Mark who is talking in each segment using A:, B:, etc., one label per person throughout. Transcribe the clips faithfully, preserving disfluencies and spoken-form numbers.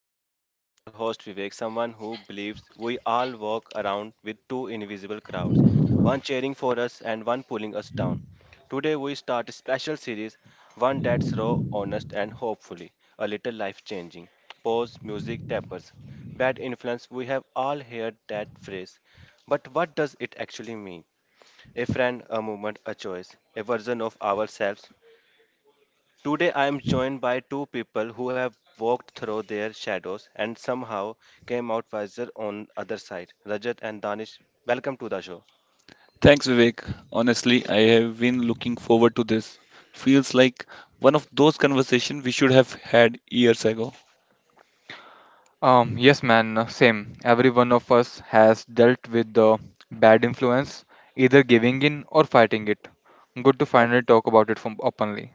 A: Choices. I am your host Vivek, someone who believes we all walk around with two invisible crowds, one cheering for us and one pulling us down. Today, we start a special series, one that's raw, honest, and hopefully a little life changing. Pause, music, tappers. Bad influence, we have all heard that phrase. But what does it actually mean? A friend, a movement, a choice, a version of ourselves. Today, I am joined by two people who have walked through their shadows and somehow came out wiser on other side. Rajat and Danish, welcome to the show.
B: Thanks, Vivek. Honestly, I have been looking forward to this. Feels like one of those conversations we should have had years ago.
C: Um, yes, man, uh, same. Every one of us has dealt with the bad influence, either giving in or fighting it. Good to
A: And
C: finally talk about it from openly.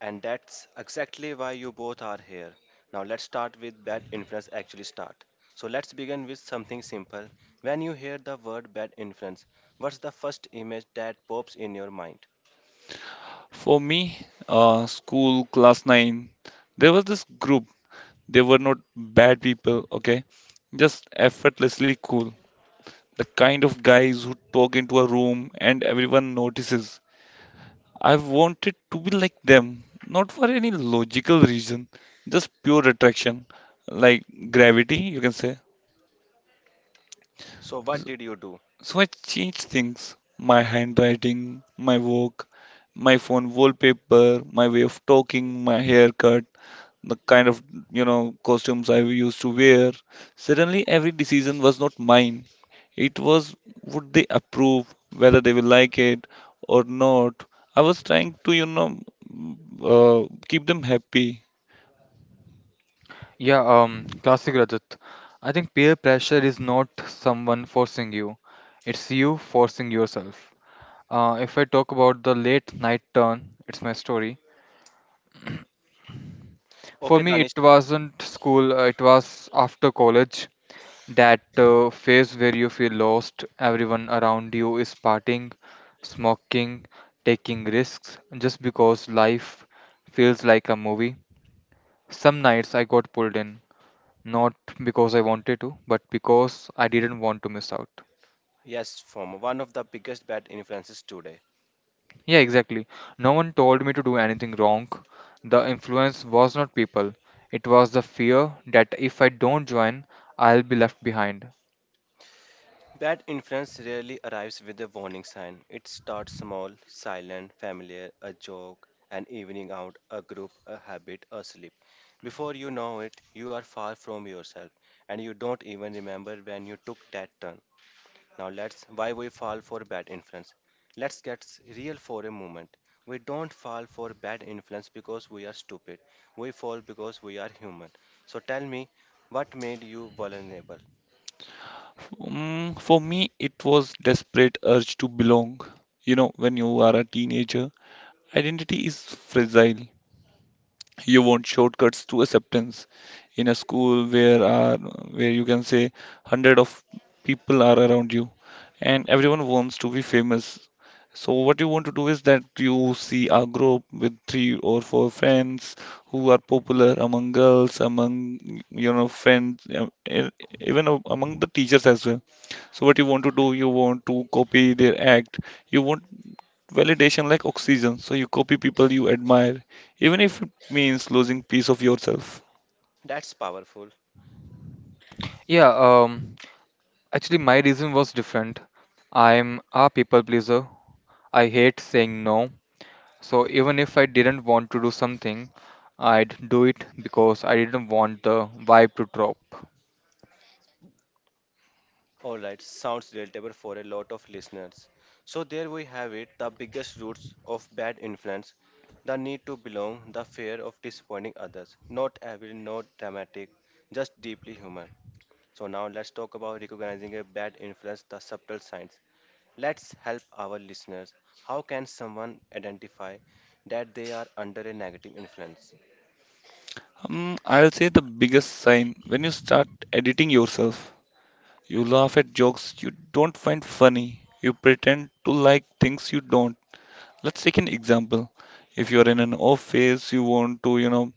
A: and that's exactly why you both are here. Now let's start with bad influence actually start. So let's begin with something simple. When you hear the word bad influence, what's the first image that pops in your mind?
B: For me, uh, school, class nine, there was this group. They were not bad people, okay? Just effortlessly cool. The kind of guys who talk into a room and everyone notices. I wanted to be like them, not for any logical reason, just pure attraction, like gravity, you can say.
A: So what did you do?
B: So I changed things, my handwriting, my work, my phone wallpaper, my way of talking, my haircut, the kind of, you know, costumes I used to wear. Suddenly, every decision was not mine. It was, would they approve, whether they will like it or not. I was trying to, you know, uh, keep them happy.
C: Yeah, um, classic Rajat. I think peer pressure is not someone forcing you, it's you forcing yourself. Uh, if I talk about the late night turn, it's my story. For
A: Okay,
C: me,
A: Danish.
C: it wasn't school, uh, it was after college. That uh, phase where you feel lost, everyone around you is partying, smoking, taking risks just because life feels like a movie. Some nights I got pulled in, not because I wanted to, but because I didn't want to miss out.
A: Yes, from one of the biggest bad influences today.
C: Yeah, exactly. No one told me to do anything wrong. The influence was not people, it was the fear that if I don't join, I'll be left behind.
A: Bad influence rarely arrives with a warning sign. It starts small, silent, familiar, a joke, an evening out, a group, a habit, a slip. Before you know it, you are far from yourself and you don't even remember when you took that turn. Now let's why we fall for bad influence. Let's get s- real for a moment. We don't fall for bad influence because we are stupid. We fall because we are human. So tell me, what made you vulnerable?
B: Mm, for me, it was desperate urge to belong. You know, when you are a teenager, identity is fragile. You want shortcuts to acceptance. In a school where are where you can say hundred of people are around you, and everyone wants to be famous. So what you want to do is that you see a group with three or four friends who are popular among girls, among you know friends, um, e- even a- among the teachers as well. So what you want to do, you want to copy their act. You want validation like oxygen. So you copy people you admire, even if it means losing piece of yourself.
A: That's powerful.
C: Yeah, um, Actually, my reason was different. I'm a people pleaser. I hate saying no. So even if I didn't want to do something, I'd do it because I didn't want the vibe to drop.
A: All right, sounds relatable for a lot of listeners. So, there we have it, the biggest roots of bad influence, the need to belong, the fear of disappointing others. Not evil, not dramatic, just deeply human. So, now let's talk about recognizing a bad influence, the subtle signs. Let's help our listeners. How can someone identify that they are under a negative influence?
B: Um, I'll say the biggest sign when you start editing yourself. You laugh at jokes you don't find funny. You pretend to like things you don't. Let's take an example. If you're in an office, you want to, you know,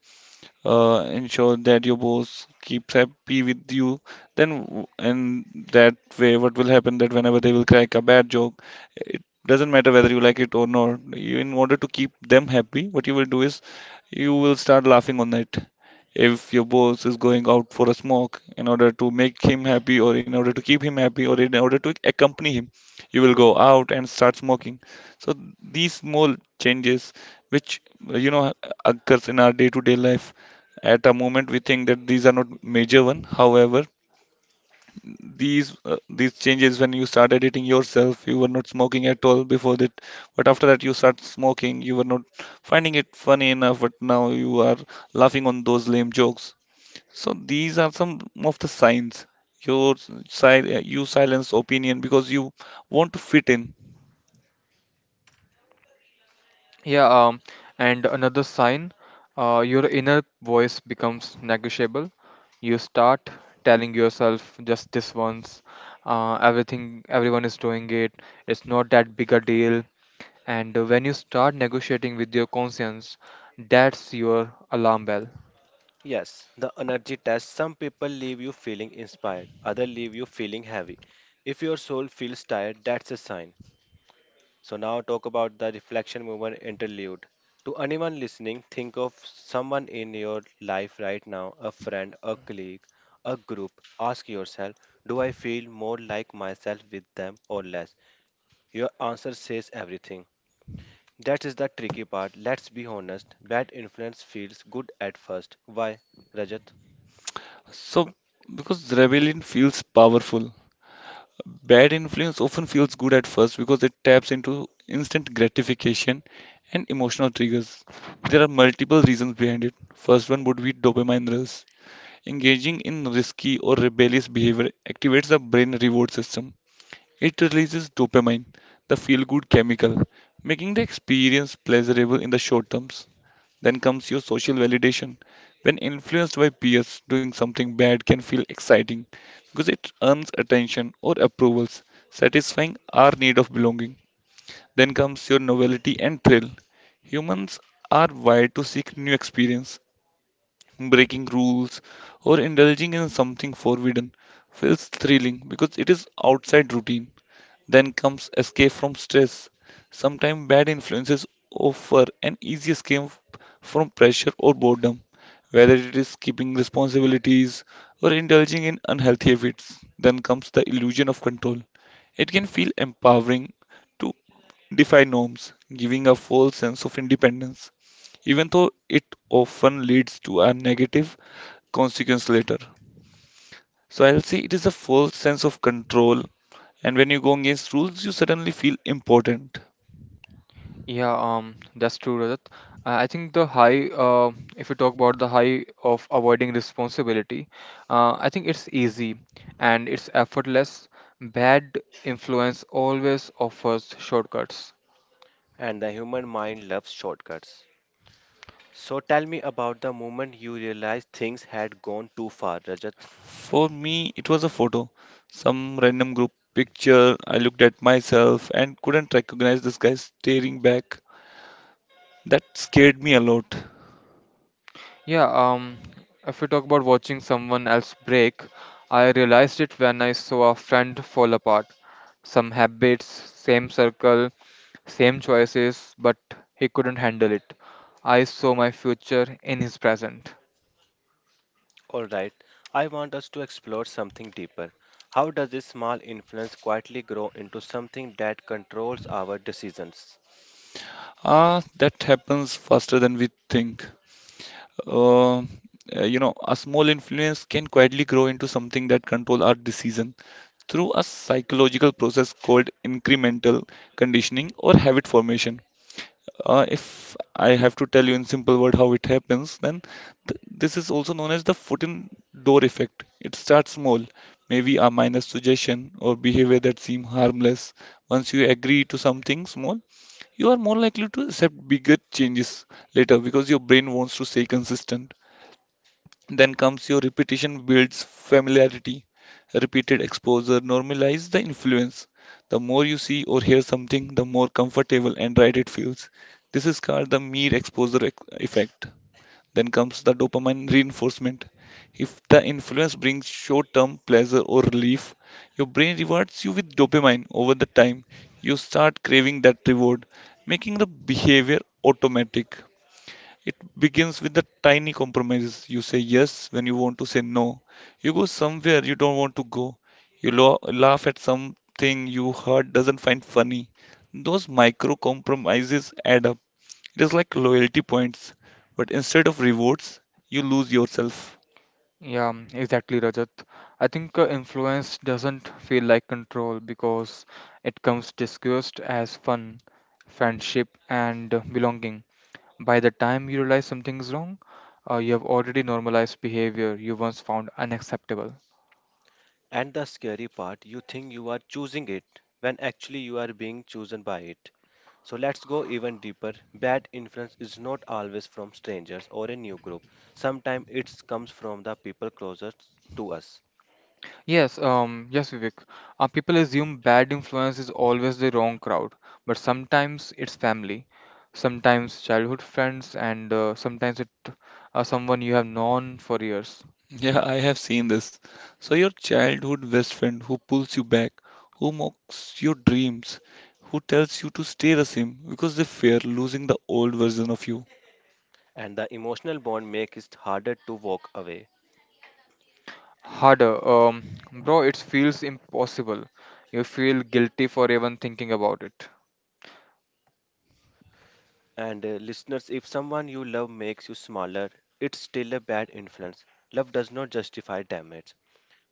B: uh, ensure that your boss keeps happy with you, then w- and that way, what will happen, that whenever they will crack a bad joke, it doesn't matter whether you like it or not, you, in order to keep them happy, what you will do is you will start laughing on it. If your boss is going out for a smoke, in order to make him happy, or in order to keep him happy, or in order to accompany him, you will go out and start smoking. So these small changes which uh, you know occurs in our day-to-day life, at a moment, we think that these are not major one. However, these uh, these changes, when you start editing yourself, you were not smoking at all before that. But after that, you start smoking. You were not finding it funny enough, but now you are laughing on those lame jokes. So these are some of the signs. Your sil- you silence opinion because you want to fit in.
C: Yeah, um, and another sign, uh, your inner voice becomes negotiable. You start telling yourself just this once, uh, everything everyone is doing it. It's not that big a deal. And uh, when you start negotiating with your conscience, that's your alarm bell.
A: Yes, the energy test. Some people leave you feeling inspired, others leave you feeling heavy. If your soul feels tired, that's a sign. So now talk about the reflection movement interlude. To anyone listening, think of someone in your life right now, a friend, a colleague, a group. Ask yourself, do I feel more like myself with them or less? Your answer says everything. That is the tricky part. Let's be honest. Bad influence feels good at first. Why, Rajat?
B: So, because rebellion feels powerful, bad influence often feels good at first because it taps into instant gratification and emotional triggers. There are multiple reasons behind it. First one would be dopamine rush. Engaging in risky or rebellious behavior activates the brain reward system. It releases dopamine, the feel good chemical, making the experience pleasurable in the short term. Then comes your social validation. When influenced by peers, doing something bad can feel exciting because it earns attention or approvals, satisfying our need of belonging. Then comes your novelty and thrill. Humans are wired to seek new experience. Breaking rules or indulging in something forbidden feels thrilling because it is outside routine. Then comes escape from stress. Sometimes bad influences offer an easy escape from pressure or boredom, whether it is keeping responsibilities or indulging in unhealthy habits. Then comes the illusion of control. It can feel empowering to defy norms, giving a false sense of independence, even though it often leads to a negative consequence later. So I'll say it is a false sense of control, and when you go against rules, you suddenly feel important.
C: Yeah, um, that's true, Rajat. Uh, I think the high, uh, if you talk about the high of avoiding responsibility, uh, I think it's easy and it's effortless. Bad influence always offers shortcuts.
A: And the human mind loves shortcuts. So tell me about the moment you realized things had gone too far, Rajat.
B: For me, it was a photo, some random group picture. I looked at myself and couldn't recognize this guy staring back. That scared me a lot.
C: Yeah, um, if we talk about watching someone else break, I realized it when I saw a friend fall apart. Some habits, same circle, same choices, but he couldn't handle it. I saw my future in his present.
A: Alright, I want us to explore something deeper. How does this small influence quietly grow into something that controls our decisions?
B: Ah, that happens faster than we think. Uh, uh, you know, a small influence can quietly grow into something that control our decision through a psychological process called incremental conditioning or habit formation. Uh, if I have to tell you in simple word how it happens, then th this is also known as the foot in door effect. It starts small, maybe a minor suggestion or behavior that seem harmless. Once you agree to something small, you are more likely to accept bigger changes later because your brain wants to stay consistent. Then comes your repetition builds familiarity. Repeated exposure normalizes the influence. The more you see or hear something, the more comfortable and right it feels. This is called the mere exposure ec- effect. Then comes the dopamine reinforcement. If the influence brings short term pleasure or relief, your brain rewards you with dopamine over the time. You start craving that reward, making the behavior automatic. It begins with the tiny compromises. You say yes when you want to say no. You go somewhere you don't want to go. You lo- laugh at something you heard doesn't find funny. Those micro compromises add up. It is like loyalty points, but instead of rewards, you lose yourself.
C: Yeah, mm, exactly, Rajat. I think uh, influence doesn't feel like control because it comes disguised as fun, friendship, and belonging. By the time you realize something is wrong, uh, you have already normalized behavior you once found unacceptable.
A: And the scary part, you think you are choosing it when actually you are being chosen by it. So let's go even deeper. Bad influence is not always from strangers or a new group. Sometimes it comes from the people closest to us,
C: Yes, um, yes, Vivek. Uh, people assume bad influence is always the wrong crowd, but sometimes it's family, sometimes childhood friends, and uh, sometimes it uh, someone you have known for years.
B: Yeah, I have seen this. So, your childhood best friend who pulls you back, who mocks your dreams, who tells you to stay the same because they fear losing the old version of you.
A: and the emotional bond makes it harder to walk away.
C: Harder, um, bro. It feels impossible. You feel guilty for even thinking about it.
A: And uh, listeners, if someone you love makes you smaller, it's still a bad influence. Love does not justify damage.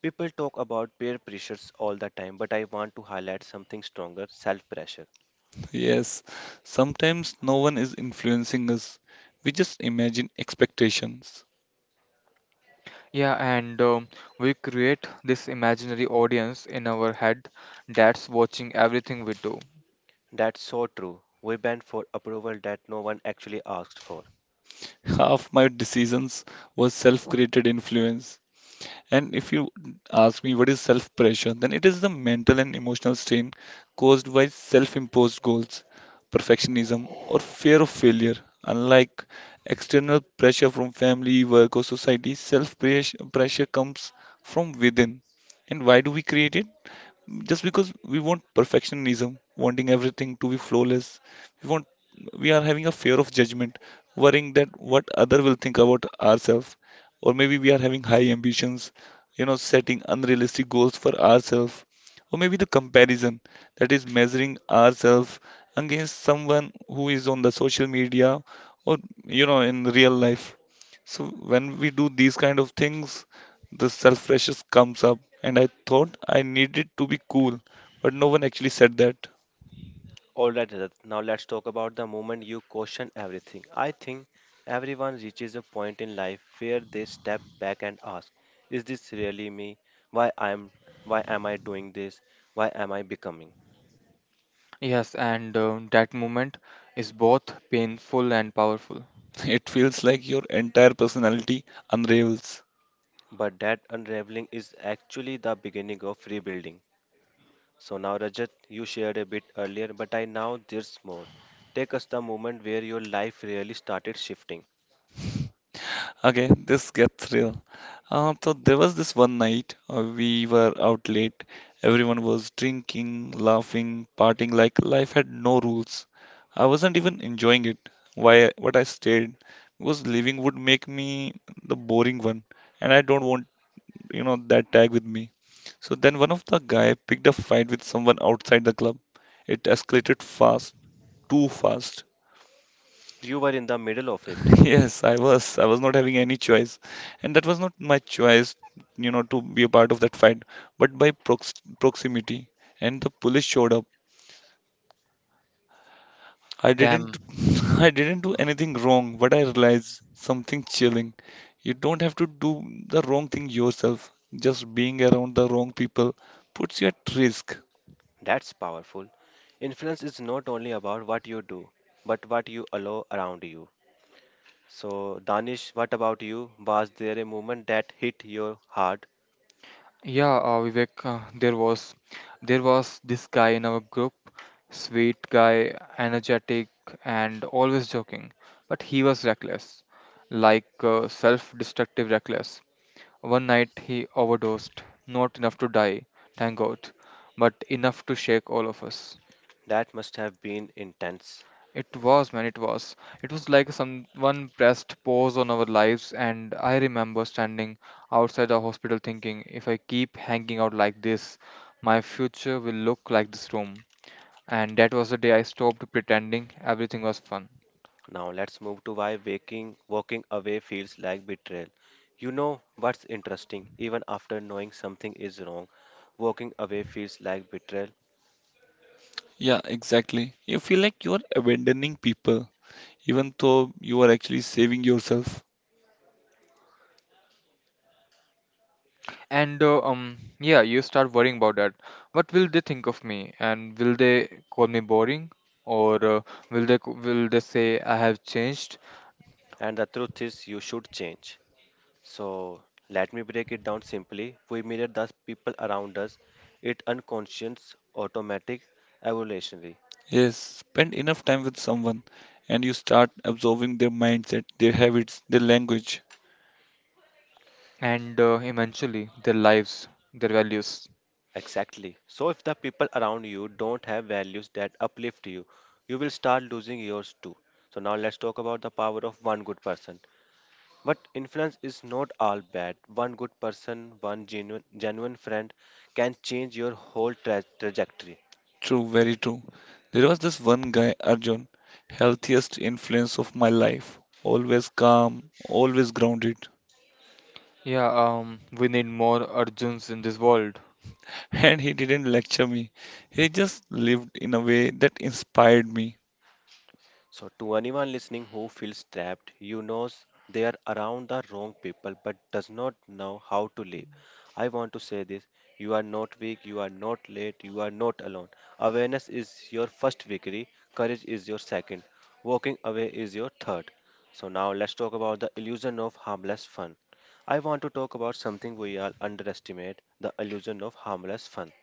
A: People talk about peer pressures all the time, but I want to highlight something stronger, self pressure.
B: Yes, sometimes no one is influencing us. We just imagine expectations.
C: Yeah, and um, we create this imaginary audience in our head that's watching everything we do.
A: That's so true. We bend for approval that no one actually asked for.
B: Half my decisions was self-created influence. And if you ask me what is self-pressure, then it is the mental and emotional strain caused by self-imposed goals, perfectionism, or fear of failure. Unlike external pressure from family, work, or society, self-pressure pressure comes from within. And why do we create it? Just because we want perfectionism, wanting everything to be flawless. We want we are having a fear of judgment, worrying that what other will think about ourselves, or maybe we are having high ambitions, you know, setting unrealistic goals for ourselves, or maybe the comparison, that is measuring ourselves against someone who is on the social media, or you know in real life. So when we do these kind of things, the self pressure comes up, and I thought I needed to be cool, but no one actually said that.
A: All right, Rajat, now let's talk about the moment you question everything. I think everyone reaches a point in life where they step back and ask, is this really me? Why I'm why am I doing this? Why am I becoming?
C: Yes, and um, that moment is both painful and powerful.
B: It feels like your entire personality unravels.
A: But that unraveling is actually the beginning of rebuilding. So now Rajat, you shared a bit earlier, but I now there's more. Take us the moment where your life really started shifting.
B: Okay, this gets real. Uh, so there was this one night uh, we were out late. Everyone was drinking, laughing, partying like life had no rules. I wasn't even enjoying it. Why? What I stayed was living would make me the boring one, and I don't want you know that tag with me. So then one of the guy picked a fight with someone outside the club. It escalated fast, too fast.
A: You were in the middle of it.
B: Yes, I was. I was not having any choice. And that was not my choice, you know, to be a part of that fight, but by prox proximity. And the police showed up. I didn't.
C: Damn.
B: I didn't do anything wrong, but I realized something chilling. You don't have to do the wrong thing yourself. Just being around the wrong people puts you at risk.
A: That's powerful. Influence is not only about what you do, but what you allow around you. So, Danish, what about you? Was there a moment that hit your heart?
C: Yeah, uh, Vivek, uh, there was there was this guy in our group, sweet guy, energetic and always joking, but he was reckless, like uh, self-destructive reckless. One night he overdosed, not enough to die, thank God, but enough to shake all of us.
A: That must have been intense.
C: It was, man, it was. It was like someone pressed pause on our lives, and I remember standing outside the hospital thinking, if I keep hanging out like this, my future will look like this room. And that was the day I stopped pretending everything was fun.
A: Now, let's move to why waking, walking away feels like betrayal. You know what's interesting? Even after knowing something is wrong, walking away feels like betrayal.
B: Yeah, exactly. You feel like you are abandoning people, even though you are actually saving yourself.
C: And uh, um, yeah, you start worrying about that. What will they think of me? And will they call me boring? Or uh, will they will they say I have changed?
A: And the truth is, you should change. So let me break it down simply. We mirror the people around us. It unconscious, automatic, evolutionary.
B: Yes, spend enough time with someone and you start absorbing their mindset, their habits, their language.
C: And uh, eventually, their lives, their values.
A: Exactly. So if the people around you don't have values that uplift you, you will start losing yours too. So now let's talk about the power of one good person. But influence is not all bad. One good person, one genuine genuine friend can change your whole tra- trajectory.
B: True, very true. There was this one guy, Arjun, healthiest influence of my life. Always calm, always grounded.
C: Yeah, um, we need more Arjuns in this world.
B: And he didn't lecture me. He just lived in a way that inspired me.
A: So, to anyone listening who feels trapped, you know they are around the wrong people but does not know how to live. I want to say this, you are not weak, you are not late, you are not alone. Awareness is your first victory, courage is your second, walking away is your third. So, now let's talk about the illusion of harmless fun. I want to talk about something we all underestimate, the illusion of harmless fun.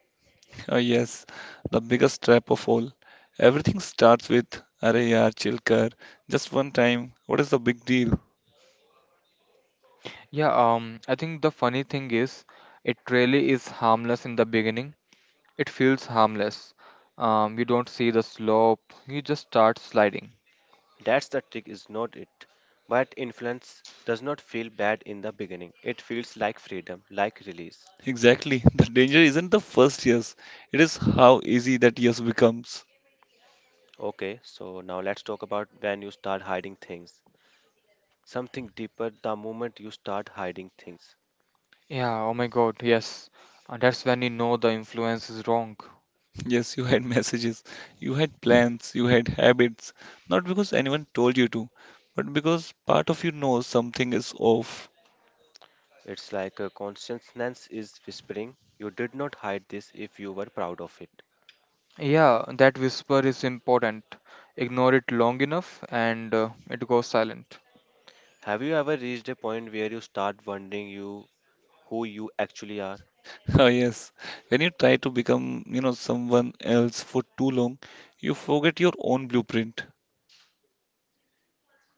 B: Uh, yes, the biggest trap of all. Everything starts with, "Arey yaar, chill kar. Just one time. What is the big deal?"
C: Yeah, um, I think the funny thing is, it really is harmless in the beginning. It feels harmless. Um, you don't see the slope. You just start sliding.
A: That's the trick, is not it? But influence does not feel bad in the beginning. It feels like freedom, like release.
B: Exactly. The danger isn't the first years. It is how easy that years becomes.
A: Okay, so now let's talk about when you start hiding things. Something deeper, the moment you start hiding things.
C: Yeah, oh my god, yes. And that's when you know the influence is wrong.
B: Yes, you had messages, you had plans, you had habits. Not because anyone told you to, but because part of you knows something is off.
A: It's like a consciousness is whispering, you did not hide this if you were proud of it.
C: Yeah, that whisper is important. Ignore it long enough and uh, it goes silent.
A: Have you ever reached a point where you start wondering you, who you actually are?
B: Oh yes, when you try to become, you know, someone else for too long, you forget your own blueprint.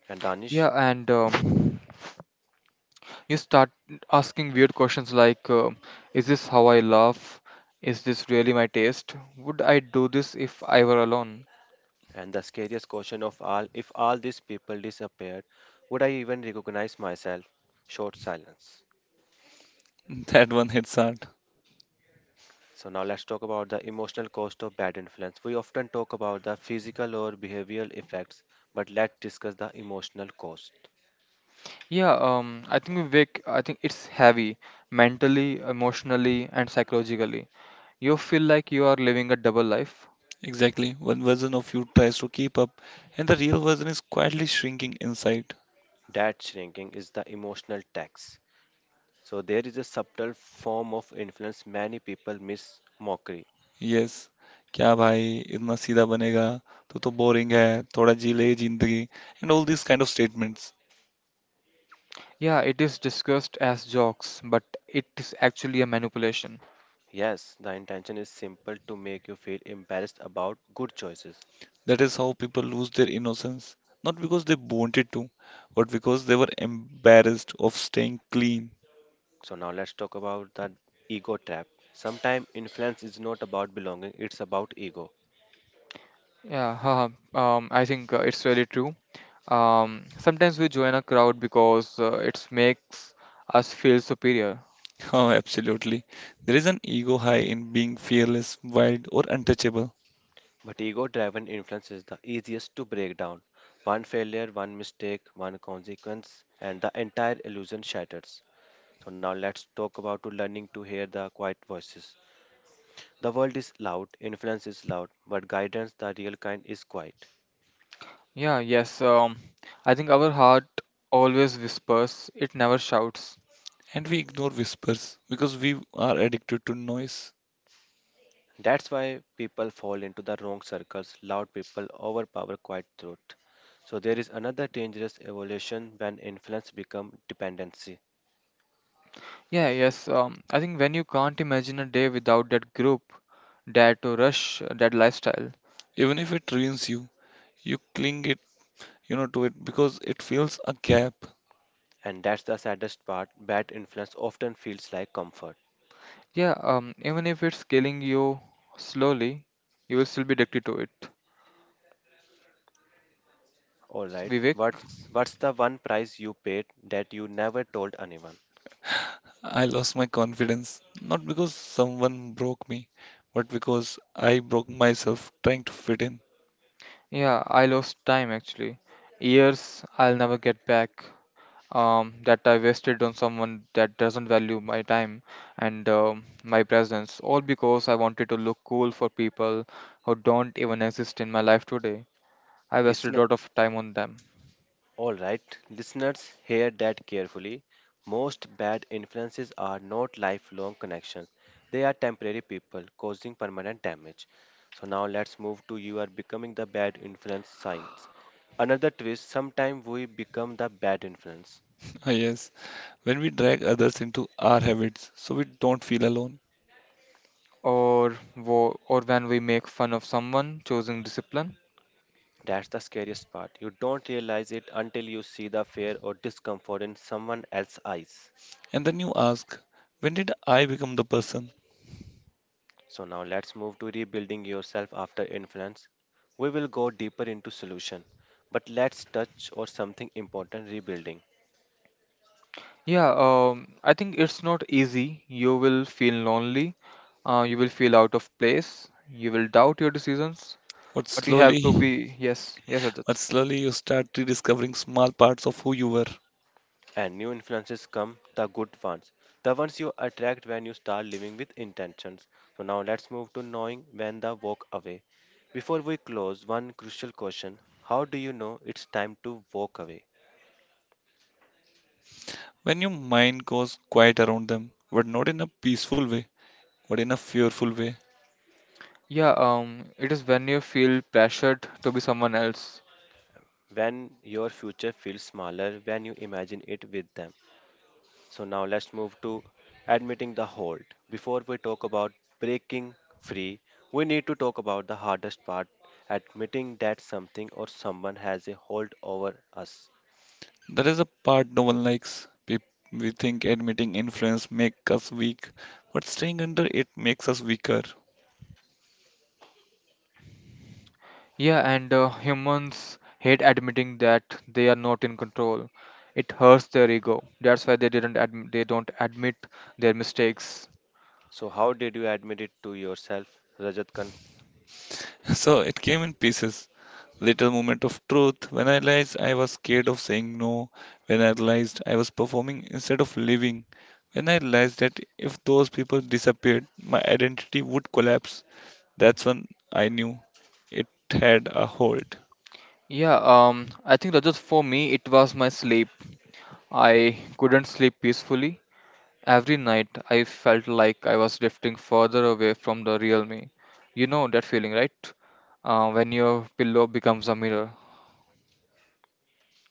A: And
C: Yeah,
A: Danish?
C: and um, you start asking weird questions like uh, is this how I laugh? Is this really my taste? Would I do this if I were alone?
A: And the scariest question of all, if all these people disappeared, would I even recognize myself? Short silence.
B: That one hits hard.
A: So, now let's talk about the emotional cost of bad influence. We often talk about the physical or behavioral effects, but let's discuss the emotional cost.
C: Yeah, um, I think we wake, I think it's heavy mentally, emotionally, and psychologically. You feel like you are living a double life.
B: Exactly. One version of you tries to keep up, and the real version is quietly shrinking inside.
A: That shrinking is the emotional tax. So, there is a subtle form of influence many people miss, mockery.
B: Yes क्या भाई इतना सीधा बनेगा तू तो boring है थोड़ा जी ले जिंदगी and all this kind of statements
C: Yeah, it is discussed as jokes, but it is actually a manipulation.
A: Yes, the intention is simple, to make you feel embarrassed about good choices.
B: That is how people lose their innocence not because they wanted to but because they were embarrassed of staying clean
A: So now let's talk about the ego trap. Sometimes influence is not about belonging, it's about ego.
C: Yeah, haha, um, I think uh, it's really true. Um, sometimes we join a crowd because uh, it makes us feel superior.
B: Oh, absolutely. There is an ego high in being fearless, wild, or untouchable,
A: But ego driven influence is the easiest to break down. One failure, one mistake, one consequence, and the entire illusion shatters. So now let's talk about to learning to hear the quiet voices. The world is loud, influence is loud, but guidance, the real kind, is quiet.
C: Yeah, yes. Um, I think our heart always whispers, it never shouts.
B: and we ignore whispers because we are addicted to noise.
A: That's why people fall into the wrong circles. Loud people overpower quiet truth. So there is another dangerous evolution, when influence becomes dependency.
C: Yeah, yes. Um, I think when you can't imagine a day without that group, that rush, that lifestyle.
B: Even if it ruins you, you cling it you know to it because it fills a gap.
A: And that's the saddest part. Bad influence often feels like comfort.
C: Yeah, um, even if it's killing you slowly, you will still be addicted to it.
A: Alright,
C: Vivek.
A: what's what's the one price you paid that you never told anyone?
B: I lost my confidence, not because someone broke me, but because I broke myself trying to fit in.
C: Yeah, I lost time actually. Years I'll never get back. Um, that I wasted on someone that doesn't value my time and um, my presence, all because I wanted to look cool for people who don't even exist in my life today. I wasted
A: Listen.
C: a lot of time on them.
A: All right, listeners, hear that carefully. Most bad influences are not lifelong connections. They are temporary people causing permanent damage. So now let's move to you are becoming the bad influence signs. Another twist, sometimes we become the bad influence.
B: Ah, yes, when we drag others into our habits so we don't feel alone.
C: Or wo- or when we make fun of someone choosing discipline.
A: That's the scariest part. You don't realize it until you see the fear or discomfort in someone else's eyes.
B: And then you ask, when did I become the person?
A: So now let's move to rebuilding yourself after influence. We will go deeper into solution, but let's touch on something important, rebuilding.
C: Yeah, um, I think it's not easy. You will feel lonely. Uh, you will feel out of place. You will doubt your decisions.
B: But
C: But you have to
B: slowly…
C: be yes, yes,
B: But
C: Rajat.
B: slowly you start rediscovering small parts of who you were.
A: And new influences come, the good ones, the ones you attract when you start living with intentions. So now let's move to knowing when the walk away. Before we close, one crucial question, how do you know it's time to walk away?
B: When your mind goes quiet around them, but not in a peaceful way, but in a fearful way.
C: yeah um it is when you feel pressured to be someone else.
A: When your future feels smaller, when you imagine it with them. So now let's move to admitting the hold. Before we talk about breaking free, we need to talk about the hardest part, admitting that something or someone has a hold over us.
B: That is a part no one likes. We, we think admitting influence makes us weak, but staying under it makes us weaker.
C: Yeah and uh, humans hate admitting that they are not in control. It hurts their ego. That's why they didn't adm- they don't admit their mistakes.
A: So, how did you admit it to yourself, Rajat Khan?
B: So it came in pieces. Little moment of truth, when I realized I was scared of saying no, when I realized I was performing instead of living, when I realized that if those people disappeared, my identity would collapse. That's when I knew it had a hold.
C: Yeah um i think Rajat, for me it was my sleep. I couldn't sleep peacefully every night. I felt like I was drifting further away from the real me. You know that feeling, right? Uh, when your pillow becomes a mirror.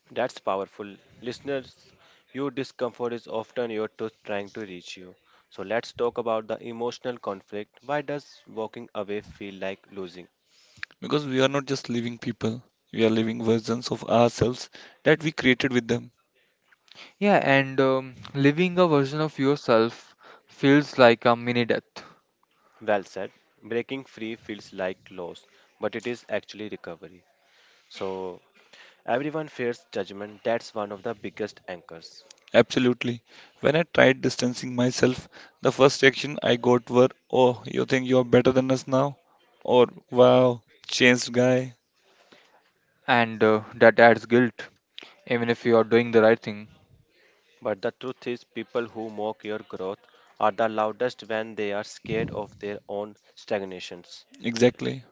A: That's powerful. Listeners, your discomfort is often your truth trying to reach you. So, let's talk about the emotional conflict. Why does walking away feel like losing?
B: Because we are not just living people, we are living versions of ourselves that we created with them.
C: Yeah, and um, living a version of yourself feels like a mini death,
A: Well said. Breaking free feels like loss, but it is actually recovery. So, everyone fears judgment. That's one of the biggest anchors.
B: Absolutely. When I tried distancing myself, the first reaction I got were, "Oh, you think you're better than us now?" Or, "Wow, changed guy."
C: and uh, that adds guilt, even if you are doing the right thing.
A: But the truth is, people who mock your growth are the loudest when they are scared of their own stagnations.
B: Exactly.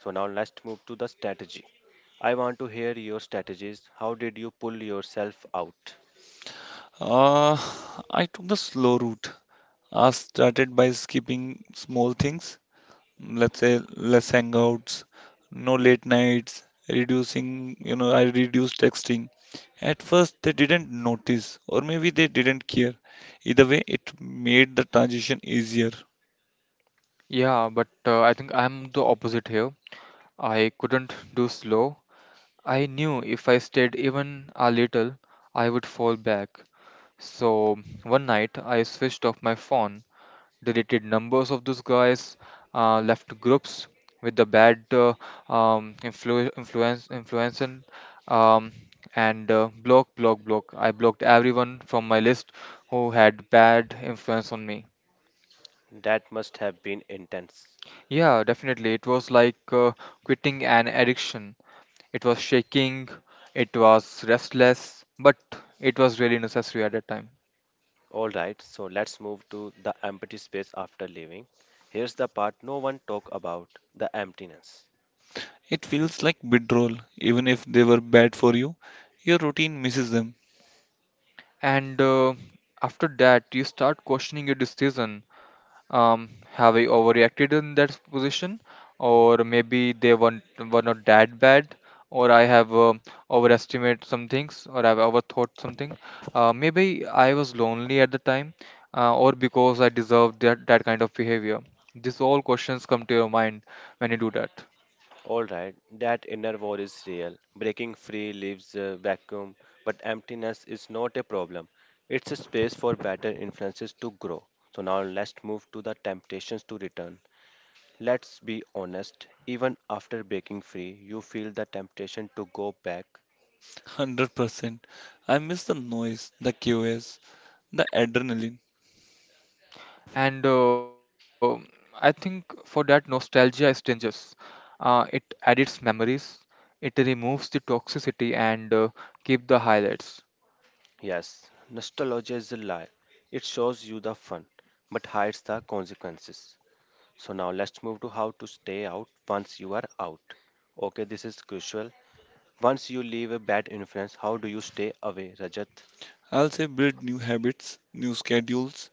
A: So, now let's move to the strategy. I want to hear your strategies. How did you pull yourself out?
B: Uh, I took the slow route. I started by skipping small things, let's say less hangouts, no late nights, reducing, you know, I reduced texting. At first, they didn't notice, or maybe they didn't care. Either way, it made the transition easier.
C: Yeah, but uh, I think I'm the opposite here. I couldn't do slow. I knew if I stayed even a little, I would fall back. So one night I switched off my phone, deleted numbers of those guys, uh, left groups with the bad uh, um, influ- influence influence and, um, and uh, block block block. I blocked everyone from my list who had bad influence on me.
A: That must have been intense.
C: Yeah, definitely. It was like uh, quitting an addiction. It was shaking, it was restless, but it was really necessary at that time.
A: All right, so let's move to the empty space after leaving. Here's the part no one talk about, the emptiness.
B: It feels like withdrawal, even if they were bad for you. Your routine misses them.
C: And uh, after that, you start questioning your decision. Um, have I overreacted in that position, or maybe they weren't were not that bad, or I have um overestimated some things, or I've overthought something. Uh, maybe I was lonely at the time, uh, or because I deserved that that kind of behavior. These all questions come to your mind when you do that.
A: All right, that inner war is real. Breaking free leaves a vacuum, but emptiness is not a problem. It's a space for better influences to grow. So now let's move to the temptations to return. Let's be honest, even after breaking free, you feel the temptation to go back.
B: one hundred percent. I miss the noise, the chaos, the adrenaline.
C: And uh, I think for that, nostalgia is dangerous. Uh, it edits memories, it removes the toxicity, and uh, keep the highlights.
A: Yes, nostalgia is a lie. It shows you the fun, but hides the consequences. So now let's move to how to stay out once you are out. Okay, this is crucial. Once you leave a bad influence, how do you stay away, Rajat?
B: I'll say build new habits, new schedules,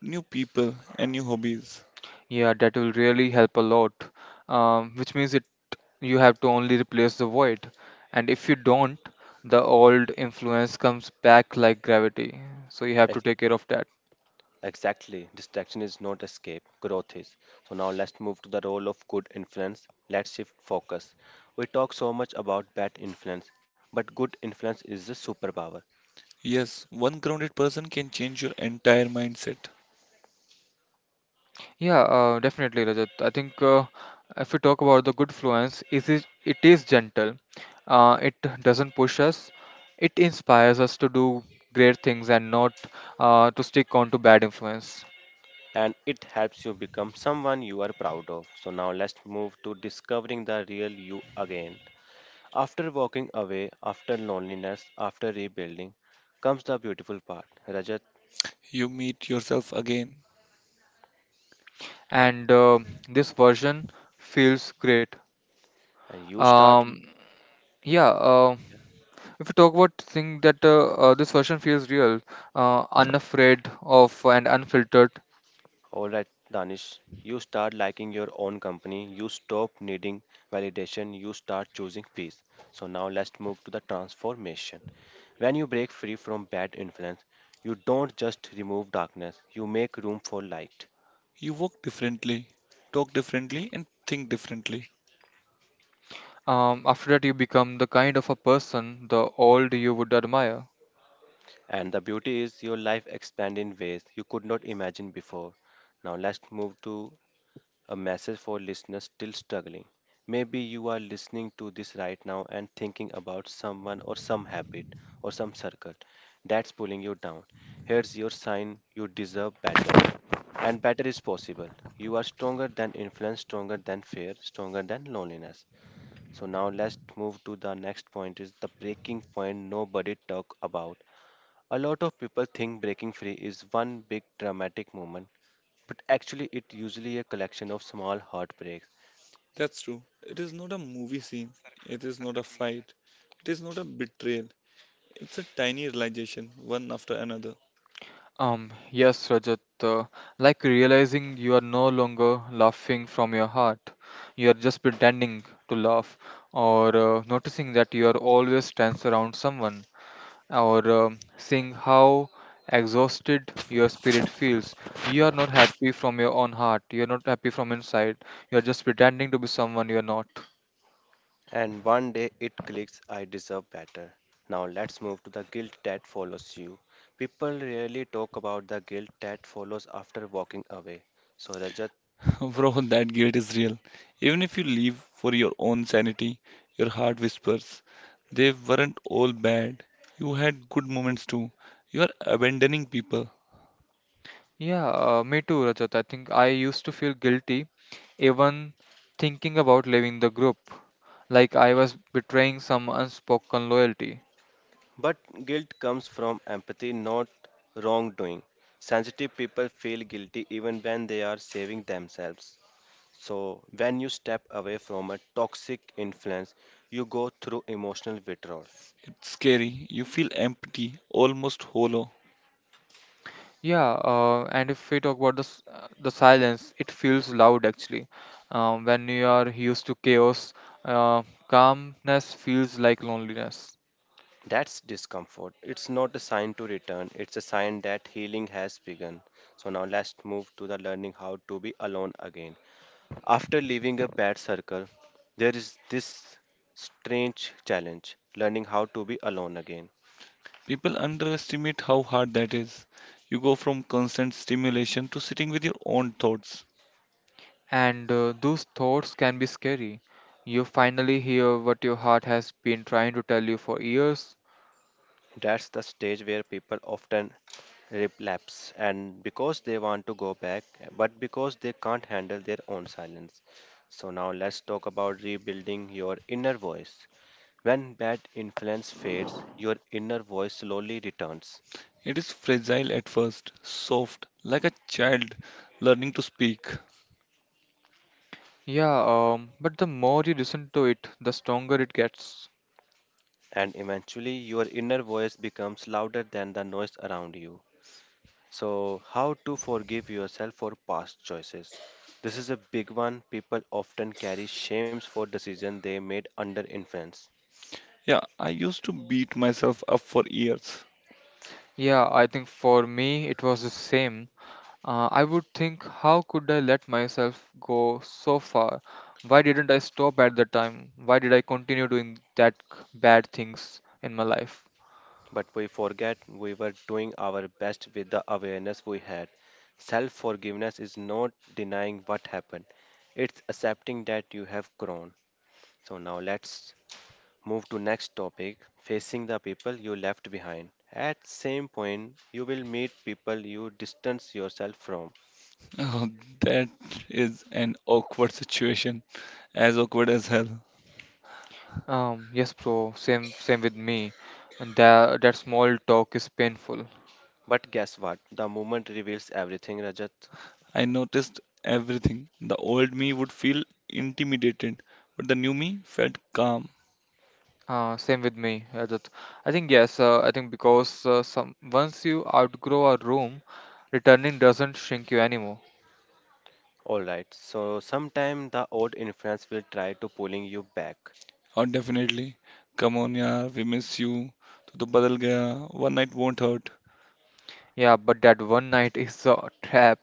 B: new people, and new hobbies.
C: Yeah, that will really help a lot. Um, which means it you have to only replace the void, and if you don't, the old influence comes back like gravity. So you have to
A: Ex-
C: take care of that.
A: Exactly. Distraction is not escape, growth is. So now let's move to the role of good influence. Let's shift focus. We talk so much about bad influence, but good influence is a superpower.
B: Yes, one grounded person can change your entire mindset.
C: Yeah, uh, definitely, Rajat. I think uh, if we talk about the good fluence, it is it is gentle. Uh, it doesn't push us. It inspires us to do great things and not uh, to stick on to bad influence.
A: And it helps you become someone you are proud of. So now let's move to discovering the real you again. After walking away, after loneliness, after rebuilding, comes the beautiful part. Rajat,
B: You meet yourself again.
C: And uh, this version feels great.
A: and you start
C: Um, Yeah, um if you talk about thing that uh, uh, this version feels real, uh, unafraid of and unfiltered.
A: all right, Danish. You start liking your own company. You stop needing validation. You start choosing peace. So now let's move to the transformation. When you break free from bad influence, you don't just remove darkness, you make room for light.
B: You walk differently, talk differently, and think differently.
C: Um, after that, you become the kind of a person the old you would admire.
A: And the beauty is your life expand in ways you could not imagine before. Now let's move to a message for listeners still struggling. Maybe you are listening to this right now and thinking about someone or some habit or some circle that's pulling you down. Here's your sign you deserve better. And better is possible. You are stronger than influence, stronger than fear, stronger than loneliness. So now let's move to the next point is the breaking point nobody talk about. A lot of people think breaking free is one big dramatic moment, but actually, it's usually a collection of small heartbreaks.
B: That's true. It is not a movie scene, it is not a fight. It is not a betrayal. It's a tiny realization, one after another.
C: Um, yes, Rajat. Uh, like realizing you are no longer laughing from your heart, you are just pretending to laugh, or uh, noticing that you are always tense around someone, or um, seeing how exhausted your spirit feels. You are not happy from your own heart. You are not happy from inside. You are just pretending to be someone you are not.
A: And one day it clicks, I deserve better. Now, let's move to the guilt that follows you. People rarely talk about the guilt that follows after walking away. So, Rajat,
B: Bro, that guilt is real. Even if you leave for your own sanity, your heart whispers, they weren't all bad. You had good moments too. You are abandoning people.
C: Yeah, uh, me too, Rajat. I think I used to feel guilty even thinking about leaving the group, like I was betraying some unspoken loyalty.
A: but guilt comes from empathy, not wrongdoing. Sensitive people feel guilty even when they are saving themselves. So, when you step away from a toxic influence, you go through emotional withdrawal.
B: It's scary. You feel empty, almost hollow.
C: Yeah, uh, and if we talk about the s- uh, the silence, it feels loud actually. Um, when you are used to chaos, uh, calmness feels like loneliness,
A: That's discomfort. It's not a sign to return, it's a sign that healing has begun. So, now let's move to the learning how to be alone again. After leaving a bad circle, there is this strange challenge learning how to be alone again.
B: People underestimate how hard that is. You go from constant stimulation to sitting with your own thoughts.
C: and uh, those thoughts can be scary. You finally hear what your heart has been trying to tell you for years.
A: That's the stage where people often relapse, and because they want to go back, but because they can't handle their own silence. So, now let's talk about rebuilding your inner voice. When bad influence fades, your inner voice slowly returns,
B: It is fragile at first, soft, like a child learning to speak.
C: Yeah, um, but the more you listen to it, the stronger it gets.
A: and eventually, your inner voice becomes louder than the noise around you. So, how to forgive yourself for past choices? This is a big one. People often carry shames for decisions they made under influence.
B: Yeah, I used to beat myself up for years.
C: Yeah, I think for me it was the same. Uh, I would think, how could I let myself go so far? Why didn't I stop at the time? Why did I continue doing that c- bad things in my life?
A: But we forget we were doing our best with the awareness we had. Self forgiveness is not denying what happened, it's accepting that you have grown. So now let's move to next topic, facing the people you left behind. At same point you will meet people you distance yourself from.
B: Oh, that is an awkward situation, as awkward as hell.
C: Um, yes, bro. Same, same with me. And that that small talk is painful.
A: But guess what? The moment reveals everything, Rajat.
B: I noticed everything. The old me would feel intimidated, but the new me felt calm.
C: Uh, same with me, Rajat. I think yes. Uh, I think because uh, some once you outgrow a room, returning doesn't shrink you anymore.
A: All right. So sometime the old influence will try to pulling you back.
B: Oh, definitely. Come on, yaar, we miss you. तू तो बदल गया. One night won't hurt.
C: Yeah, but that one night is a trap.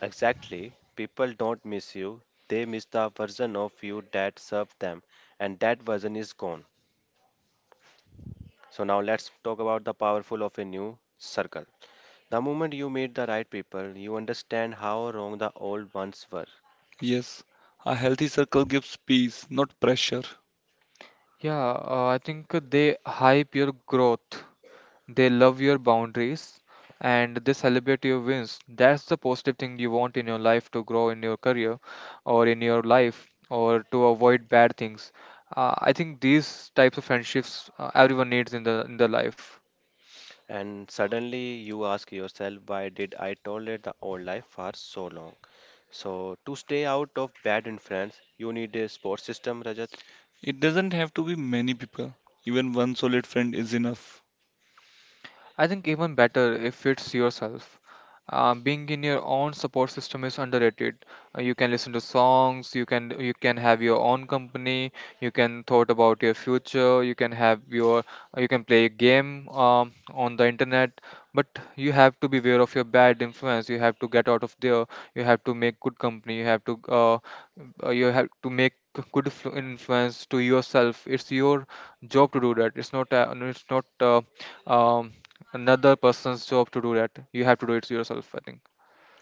A: Exactly. People don't miss you. They miss the version of you that served them, and that version is gone. So now let's talk about the powerful of a new circle. The moment you meet the right people, you understand how wrong the old ones were.
B: Yes, a healthy circle gives peace, not pressure.
C: Yeah, uh, I think they hype your growth. They love your boundaries and they celebrate your wins. That's the positive thing you want in your life to grow in your career or in your life or to avoid bad things. Uh, I think these types of friendships uh, everyone needs in the in the life.
A: And suddenly you ask yourself, why did I tolerate the old life for so long? So to stay out of bad influence, you need a support system, Rajat.
B: It doesn't have to be many people. Even one solid friend is enough.
C: I think even better if it's yourself. Uh, being in your own support system is underrated. Uh, you can listen to songs, you can you can have your own company, you can thought about your future, you can have your uh, you can play a game um, on the internet, but you have to be aware of your bad influence. You have to get out of there. You have to make good company. You have to uh, uh, you have to make good influ- influence to yourself. It's your job to do that. It's not uh, it's not uh, um, another person's job to do that, you have to do it yourself, I think.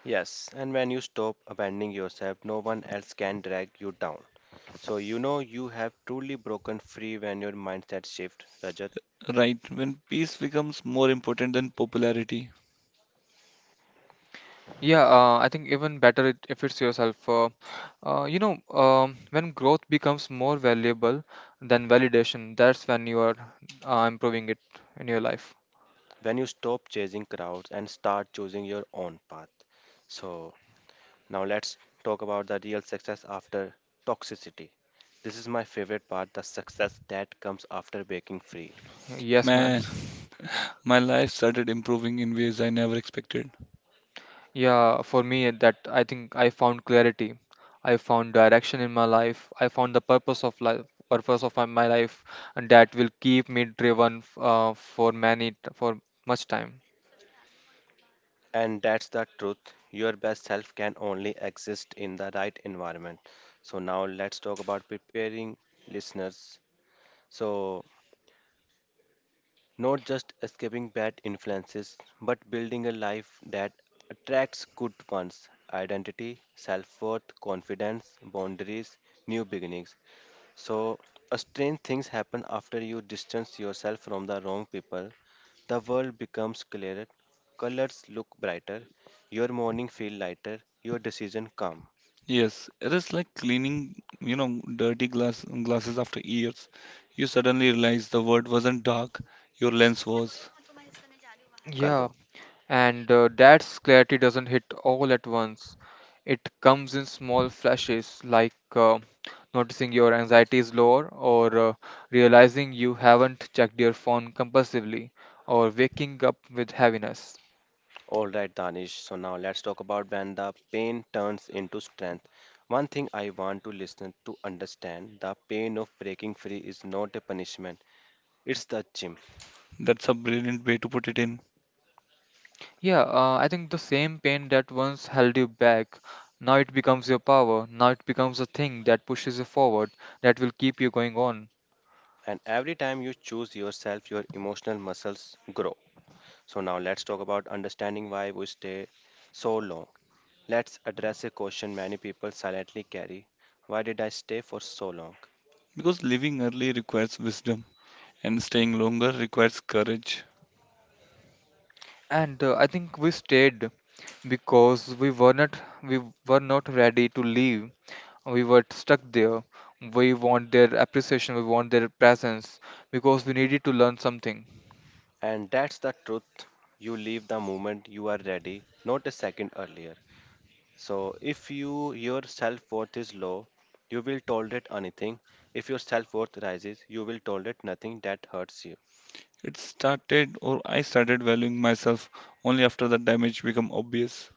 A: Yes, and when you stop abandoning yourself, no one else can drag you down. So you know you have truly broken free when your mindset shift, Rajat,
B: Right, when peace becomes more important than popularity.
C: Yeah, uh, I think even better it, if it's yourself. uh, uh, you know um, when growth becomes more valuable than validation, that's when you are uh, improving it in your life.
A: when you stop chasing crowds and start choosing your own path. So now let's talk about the real success after toxicity. This is my favorite part, the success that comes after breaking free.
C: Yes, man.
B: Man, my life started improving in ways I never expected.
C: Yeah, for me that I think I found clarity, I found direction in my life, I found the purpose of life, purpose of my my life, and that will keep me driven f- uh, for many t- for much time.
A: And that's the truth. Your best self can only exist in the right environment. So now let's talk about preparing listeners. So not just escaping bad influences, but building a life that attracts good ones identity, self worth, confidence, boundaries, new beginnings. So, uh, strange things happen after you distance yourself from the wrong people. The world becomes clearer, colors look brighter, your morning feel lighter, your decision calm.
B: Yes, it is like cleaning, you know, dirty glass glasses after years. You suddenly realize the world wasn't dark, your lens was.
A: कर
C: Yeah.
A: दो.
C: And uh, that's clarity doesn't hit all at once. It comes in small flashes, like uh, noticing your anxiety is lower, or uh, realizing you haven't checked your phone compulsively, or waking up with heaviness.
A: All right, Danish. So now let's talk about when the pain turns into strength. One thing I want to listen to understand the pain of breaking free is not a punishment, it's the gym.
B: That's a brilliant way to put it in.
C: Yeah, uh, I think the same pain that once held you back, now it becomes your power. Now it becomes a thing that pushes you forward, that will keep you going on.
A: And every time you choose yourself, your emotional muscles grow. So now let's talk about understanding why we stay so long. Let's address a question many people silently carry. Why did I stay for so long?
B: Because living early requires wisdom, and staying longer requires courage.
C: And uh, I think we stayed because we were not we were not ready to leave, we were stuck there. We want their appreciation, we want their presence because we needed to learn something.
A: And that's the truth. You leave the moment you are ready, not a second earlier. So, if you your self worth is low, you will tolerate anything. If your self worth rises, you will tolerate nothing that hurts you.
B: It started, or I started valuing myself only after the damage became obvious.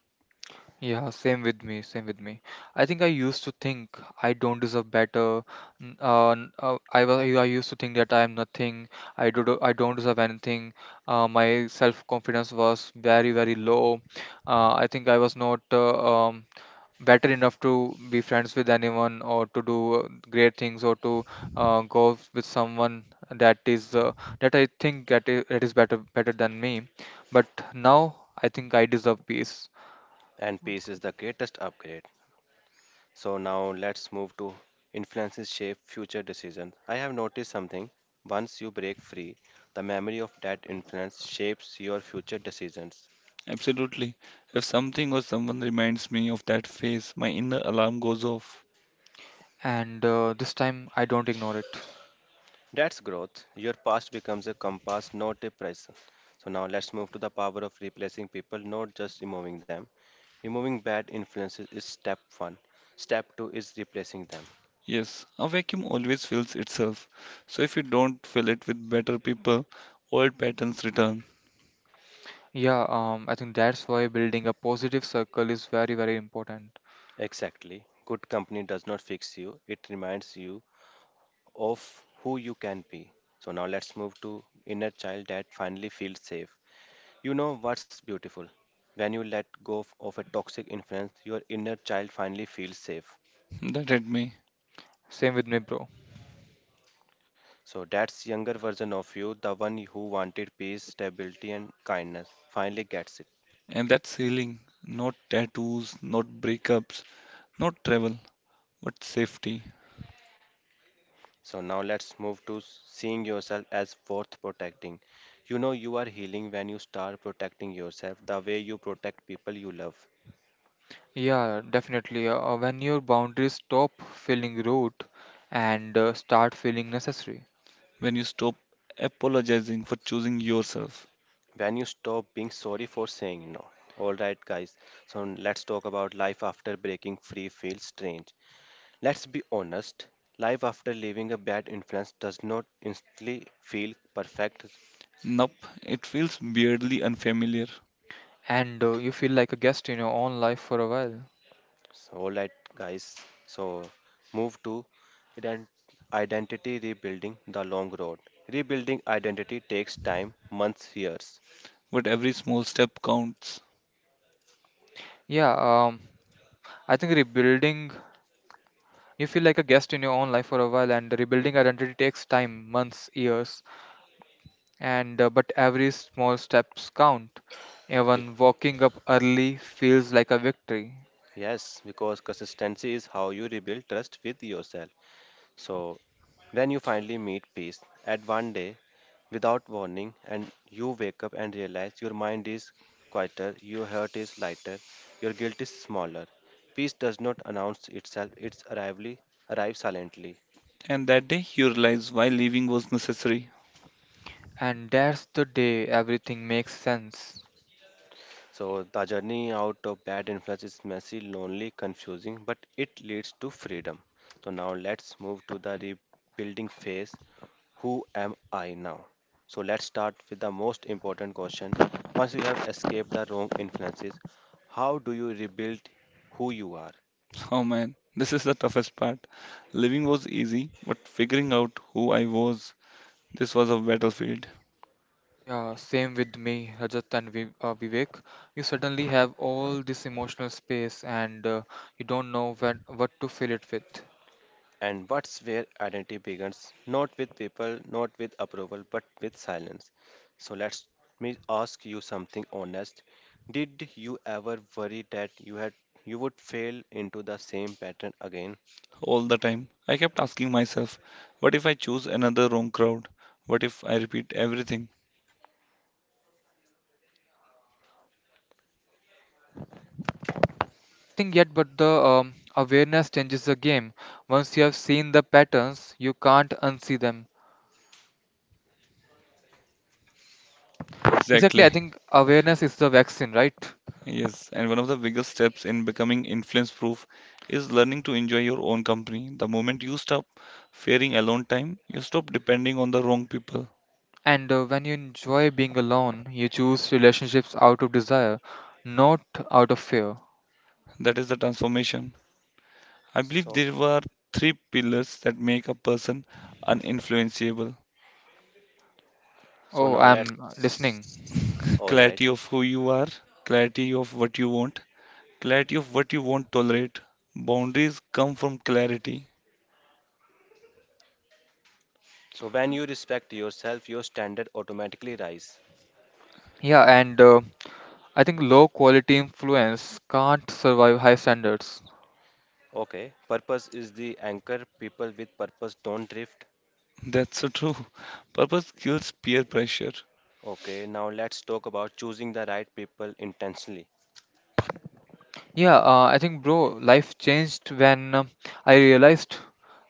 C: Yeah, same with me, same with me. I think I used to think I don't deserve better. n- Uh, n- uh, I was I used to think that I am nothing. I do I don't deserve anything. Uh, my self confidence was very very low. Uh, I think I was not uh, um, better enough to be friends with anyone or to do uh, great things or to uh, go with someone that is uh, that I think that i- that is better better than me. But now I think I deserve peace,
A: And peace is the greatest upgrade. So now let's move to influences shape future decisions. I have noticed something. Once you break free, the memory of that influence shapes your future decisions.
B: Absolutely. If something or someone reminds me of that phase, my inner alarm goes off.
C: and uh, this time I don't ignore it.
A: That's growth. Your past becomes a compass, not a prison. So now let's move to the power of replacing people, not just removing them. Removing bad influences is step one. Step two is replacing them.
B: Yes, a vacuum always fills itself. So if you don't fill it with better people, old patterns return.
C: Yeah, um, I think that's why building a positive circle is very very important.
A: Exactly. Good company does not fix you, it reminds you of who you can be. So now let's move to inner child that finally feels safe. You know what's beautiful? When you let go of of a toxic influence, your inner child finally feels safe.
B: That hit me.
C: Same with me, bro.
A: So that's younger version of you, the one who wanted peace, stability, and kindness, finally gets it.
B: And that's healing. Not tattoos, not breakups, not travel, but safety.
A: So now let's move to seeing yourself as worth protecting. You know you are healing when you start protecting yourself the way you protect people you love.
C: Yeah, definitely. Uh, when your boundaries stop feeling rude and uh, start feeling necessary.
B: When you stop apologizing for choosing yourself.
A: When you stop being sorry for saying no. All right, guys. So let's talk about life after breaking free feels strange. Let's be honest. Life after leaving a bad influence does not instantly feel perfect.
B: Nope, it feels weirdly unfamiliar,
C: And uh, You feel like a guest in your own life for a while.
A: So, all right, guys. So, move to ident- identity rebuilding the long road. Rebuilding identity takes time, months, years.
B: but every small step counts.
C: yeah um I think rebuilding, you feel like a guest in your own life for a while, and rebuilding identity takes time, months, years, and uh, but every small steps count,
A: Be-
C: even walking up early feels like a victory.
A: yes, because consistency is how you rebuild trust with yourself. So, when you finally meet peace at one day without warning, and you wake up and realize your mind is quieter, your heart is lighter, your guilt is smaller. Peace does not announce itself, its arrival arrives silently.
B: And that day you realize why leaving was necessary.
C: And that's the day everything makes sense.
A: So the journey out of bad influence is messy, lonely, confusing, but it leads to freedom. So now let's move to the rebuilding phase. Who am I now? So let's start with the most important question. Once you have escaped the wrong influences, how do you rebuild who you are?
B: Oh man, this is the toughest part. Living was easy, but figuring out who I was, this was a battlefield
C: Yeah, same with me, Rajat and Vi- uh, Vivek. You suddenly have all this emotional space and uh, you don't know when, what to fill it with.
A: And what's where identity begins, not with people, not with approval, but with silence. So let me ask you something honest. Did you ever worry that you had You would fail into the same pattern again?
B: all the time. I kept asking myself, what if I choose another wrong crowd? What if I repeat everything?
C: I think yet, but the um, awareness changes the game. Once you have seen the patterns, you can't unsee them. Exactly, I
B: Exactly.
C: think awareness is the vaccine, right?
B: Yes, and one of the biggest steps in becoming influence proof is learning to enjoy your own company. The moment you stop fearing alone time, you stop depending on the wrong people.
C: And uh, When you enjoy being alone, you choose relationships out of desire, not out of fear.
B: That is the transformation. I believe
A: So
B: there were three pillars that make a person uninfluenceable.
A: so
C: Oh,
A: now
C: I'm listening.
A: let's All right.
B: Clarity of who you are, clarity of what you want, clarity of what you won't tolerate. Boundaries come from clarity.
A: So when you respect yourself, your standard automatically rise.
C: Yeah, and uh, I think low quality influence can't survive high standards.
A: Okay, purpose is the anchor. People with purpose don't drift.
B: That's so true. Purpose kills peer pressure,
A: Okay, now let's talk about choosing the right people intentionally.
C: Yeah, uh, I think, bro, life changed when um, I realized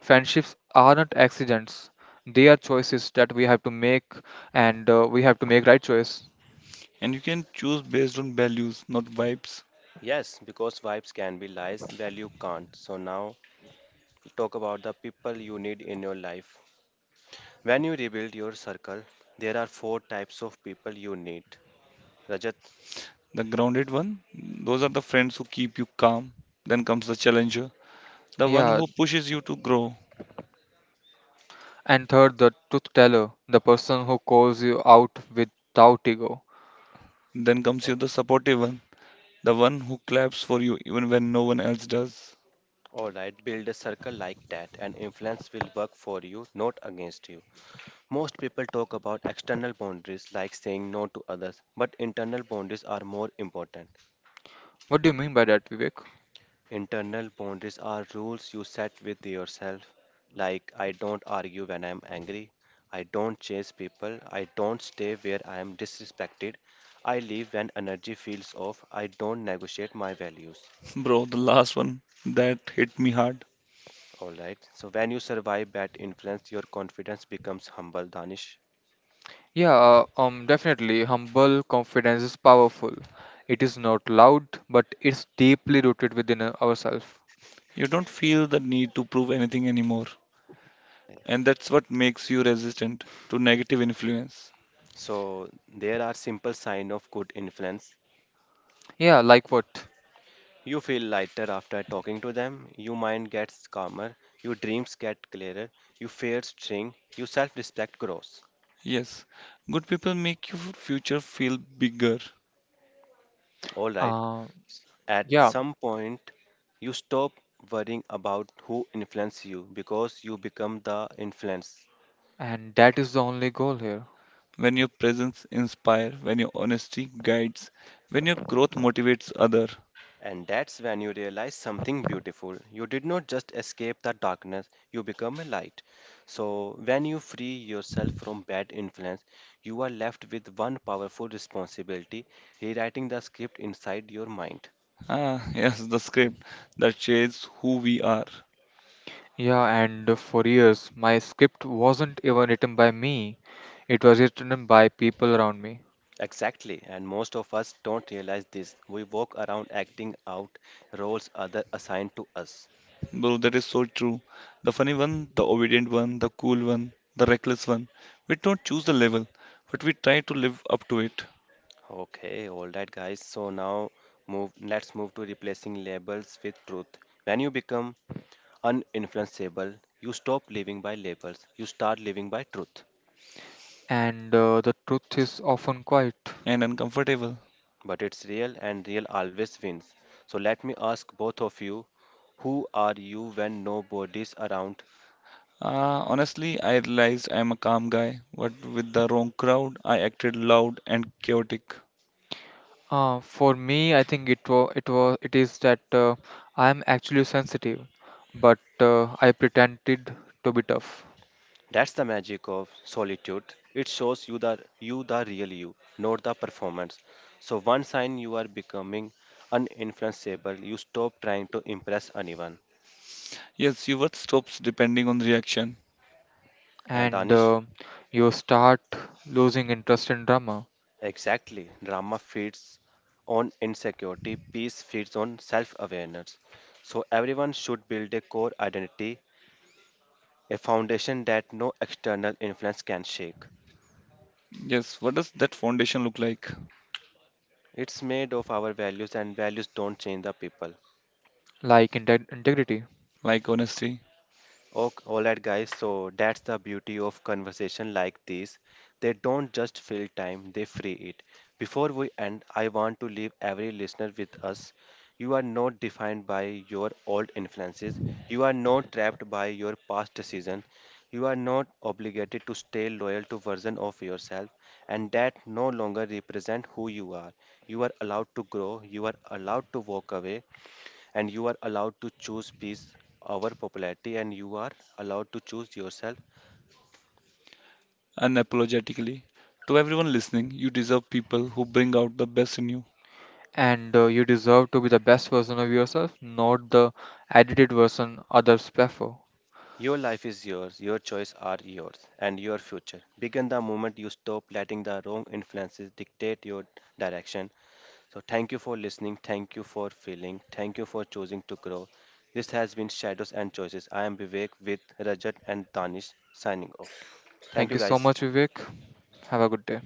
C: friendships are not accidents. They are choices that we have to make, and uh, we have to make right choice.
B: and you can choose based on values, not vibes.
A: Yes, because vibes can be lies, value can't. So now talk about the people you need in your life. When you rebuild your circle, there are four types of people you need. Rajat,
B: The grounded one, those are the friends who keep you calm. Then comes the challenger, the one
C: Yeah,
B: who pushes you to grow.
C: and third, the truth teller, the person who calls you out without ego.
B: Then comes
A: uh,
B: you the supportive one, the one who claps for you even when no one else does.
A: all right, build a circle like that, and influence will work for you, not against you. Most people talk about external boundaries like saying no to others, but internal boundaries are more important.
C: What do you mean by that, Vivek?
A: Internal boundaries are rules you set with yourself, like I don't argue when I'm angry, I don't chase people, I don't stay where I am disrespected, I leave when energy feels off, I don't negotiate my values.
B: Bro, the last one that hit me hard.
A: All right. So when you survive bad influence, your confidence becomes humble, Danish.
C: Yeah, uh, um, Definitely, humble confidence is powerful. It is not loud, but it's deeply rooted within uh, ourselves.
B: You don't feel the need to prove anything anymore. And that's what makes you resistant to negative influence.
A: So there are simple sign of good influence.
C: Yeah, like what?
A: You feel lighter after talking to them, your mind gets calmer, your dreams get clearer, your fears shrink, your self respect grows.
B: Yes, good people make your future feel bigger
A: Alright,
C: Uh,
A: at
C: yeah.
A: some point, you stop worrying about who influences you because you become the influence.
C: And that is the only goal here.
B: when your presence inspires, when your honesty guides, when your growth motivates other.
A: And that's when you realize something beautiful. You did not just escape the darkness, you become a light. So, when you free yourself from bad influence, you are left with one powerful responsibility rewriting the script inside your mind.
B: Ah, yes, the script that shapes who we are.
C: Yeah, and for years, my script wasn't even written by me, it was written by people around me.
A: Exactly, and most of us don't realize this. We walk around acting out roles other assigned to us.
B: Bro, that is so true. The funny one, the obedient one, the cool one, the reckless one. We don't choose the level, but we try to live up to it.
A: Okay, all right, guys. So now move. Let's move to replacing labels with truth. When you become uninfluenceable. You stop living by labels, you start living by truth.
C: And uh, The truth is often quiet.
B: And uncomfortable.
A: But it's real, and real always wins. So let me ask both of you who are you when nobody's around?
B: Uh, honestly, I realized I am a calm guy, but with the wrong crowd, I acted loud and chaotic.
C: Uh, for me, I think it was it was it is that uh, I'm actually sensitive, but uh, I pretended to be tough.
A: That's the magic of solitude. It shows you the you the real you, not the performance. So one sign you are becoming uninfluenceable, you stop trying to impress anyone.
B: Yes, your worth stops depending on reaction.
A: And
C: And
A: Danish,
C: uh, You start losing interest in drama,
A: exactly. Drama feeds on insecurity, peace feeds on self awareness. So, everyone should build a core identity, a foundation that no external influence can shake.
B: Yes, what does that foundation look like?
A: It's made of our values, and values don't change the people.
C: like inte integrity.
B: Like honesty,
A: Ok all right, guys. So that's the beauty of conversation like this. They don't just fill time; they free it. Before we end, I want to leave every listener with us. You are not defined by your old influences. You are not trapped by your past decision. You are not obligated to stay loyal to version of yourself, and that no longer represent who you are. You are allowed to grow. You are allowed to walk away and you are allowed to choose peace over popularity and you are allowed to choose yourself.
B: unapologetically. To everyone listening, you deserve people who bring out the best in you.
C: And uh, You deserve to be the best version of yourself, not the edited version others prefer.
A: Your life is yours, your choices are yours, and your future begin the moment you stop letting the wrong influences dictate your direction. So thank you for listening, thank you for feeling, thank you for choosing to grow. This has been Shadows and Choices. I am Vivek with Rajat and Danish, signing off. Thank
C: Thank
A: you,
C: you so
A: guys.
C: much, Vivek. Have a good day.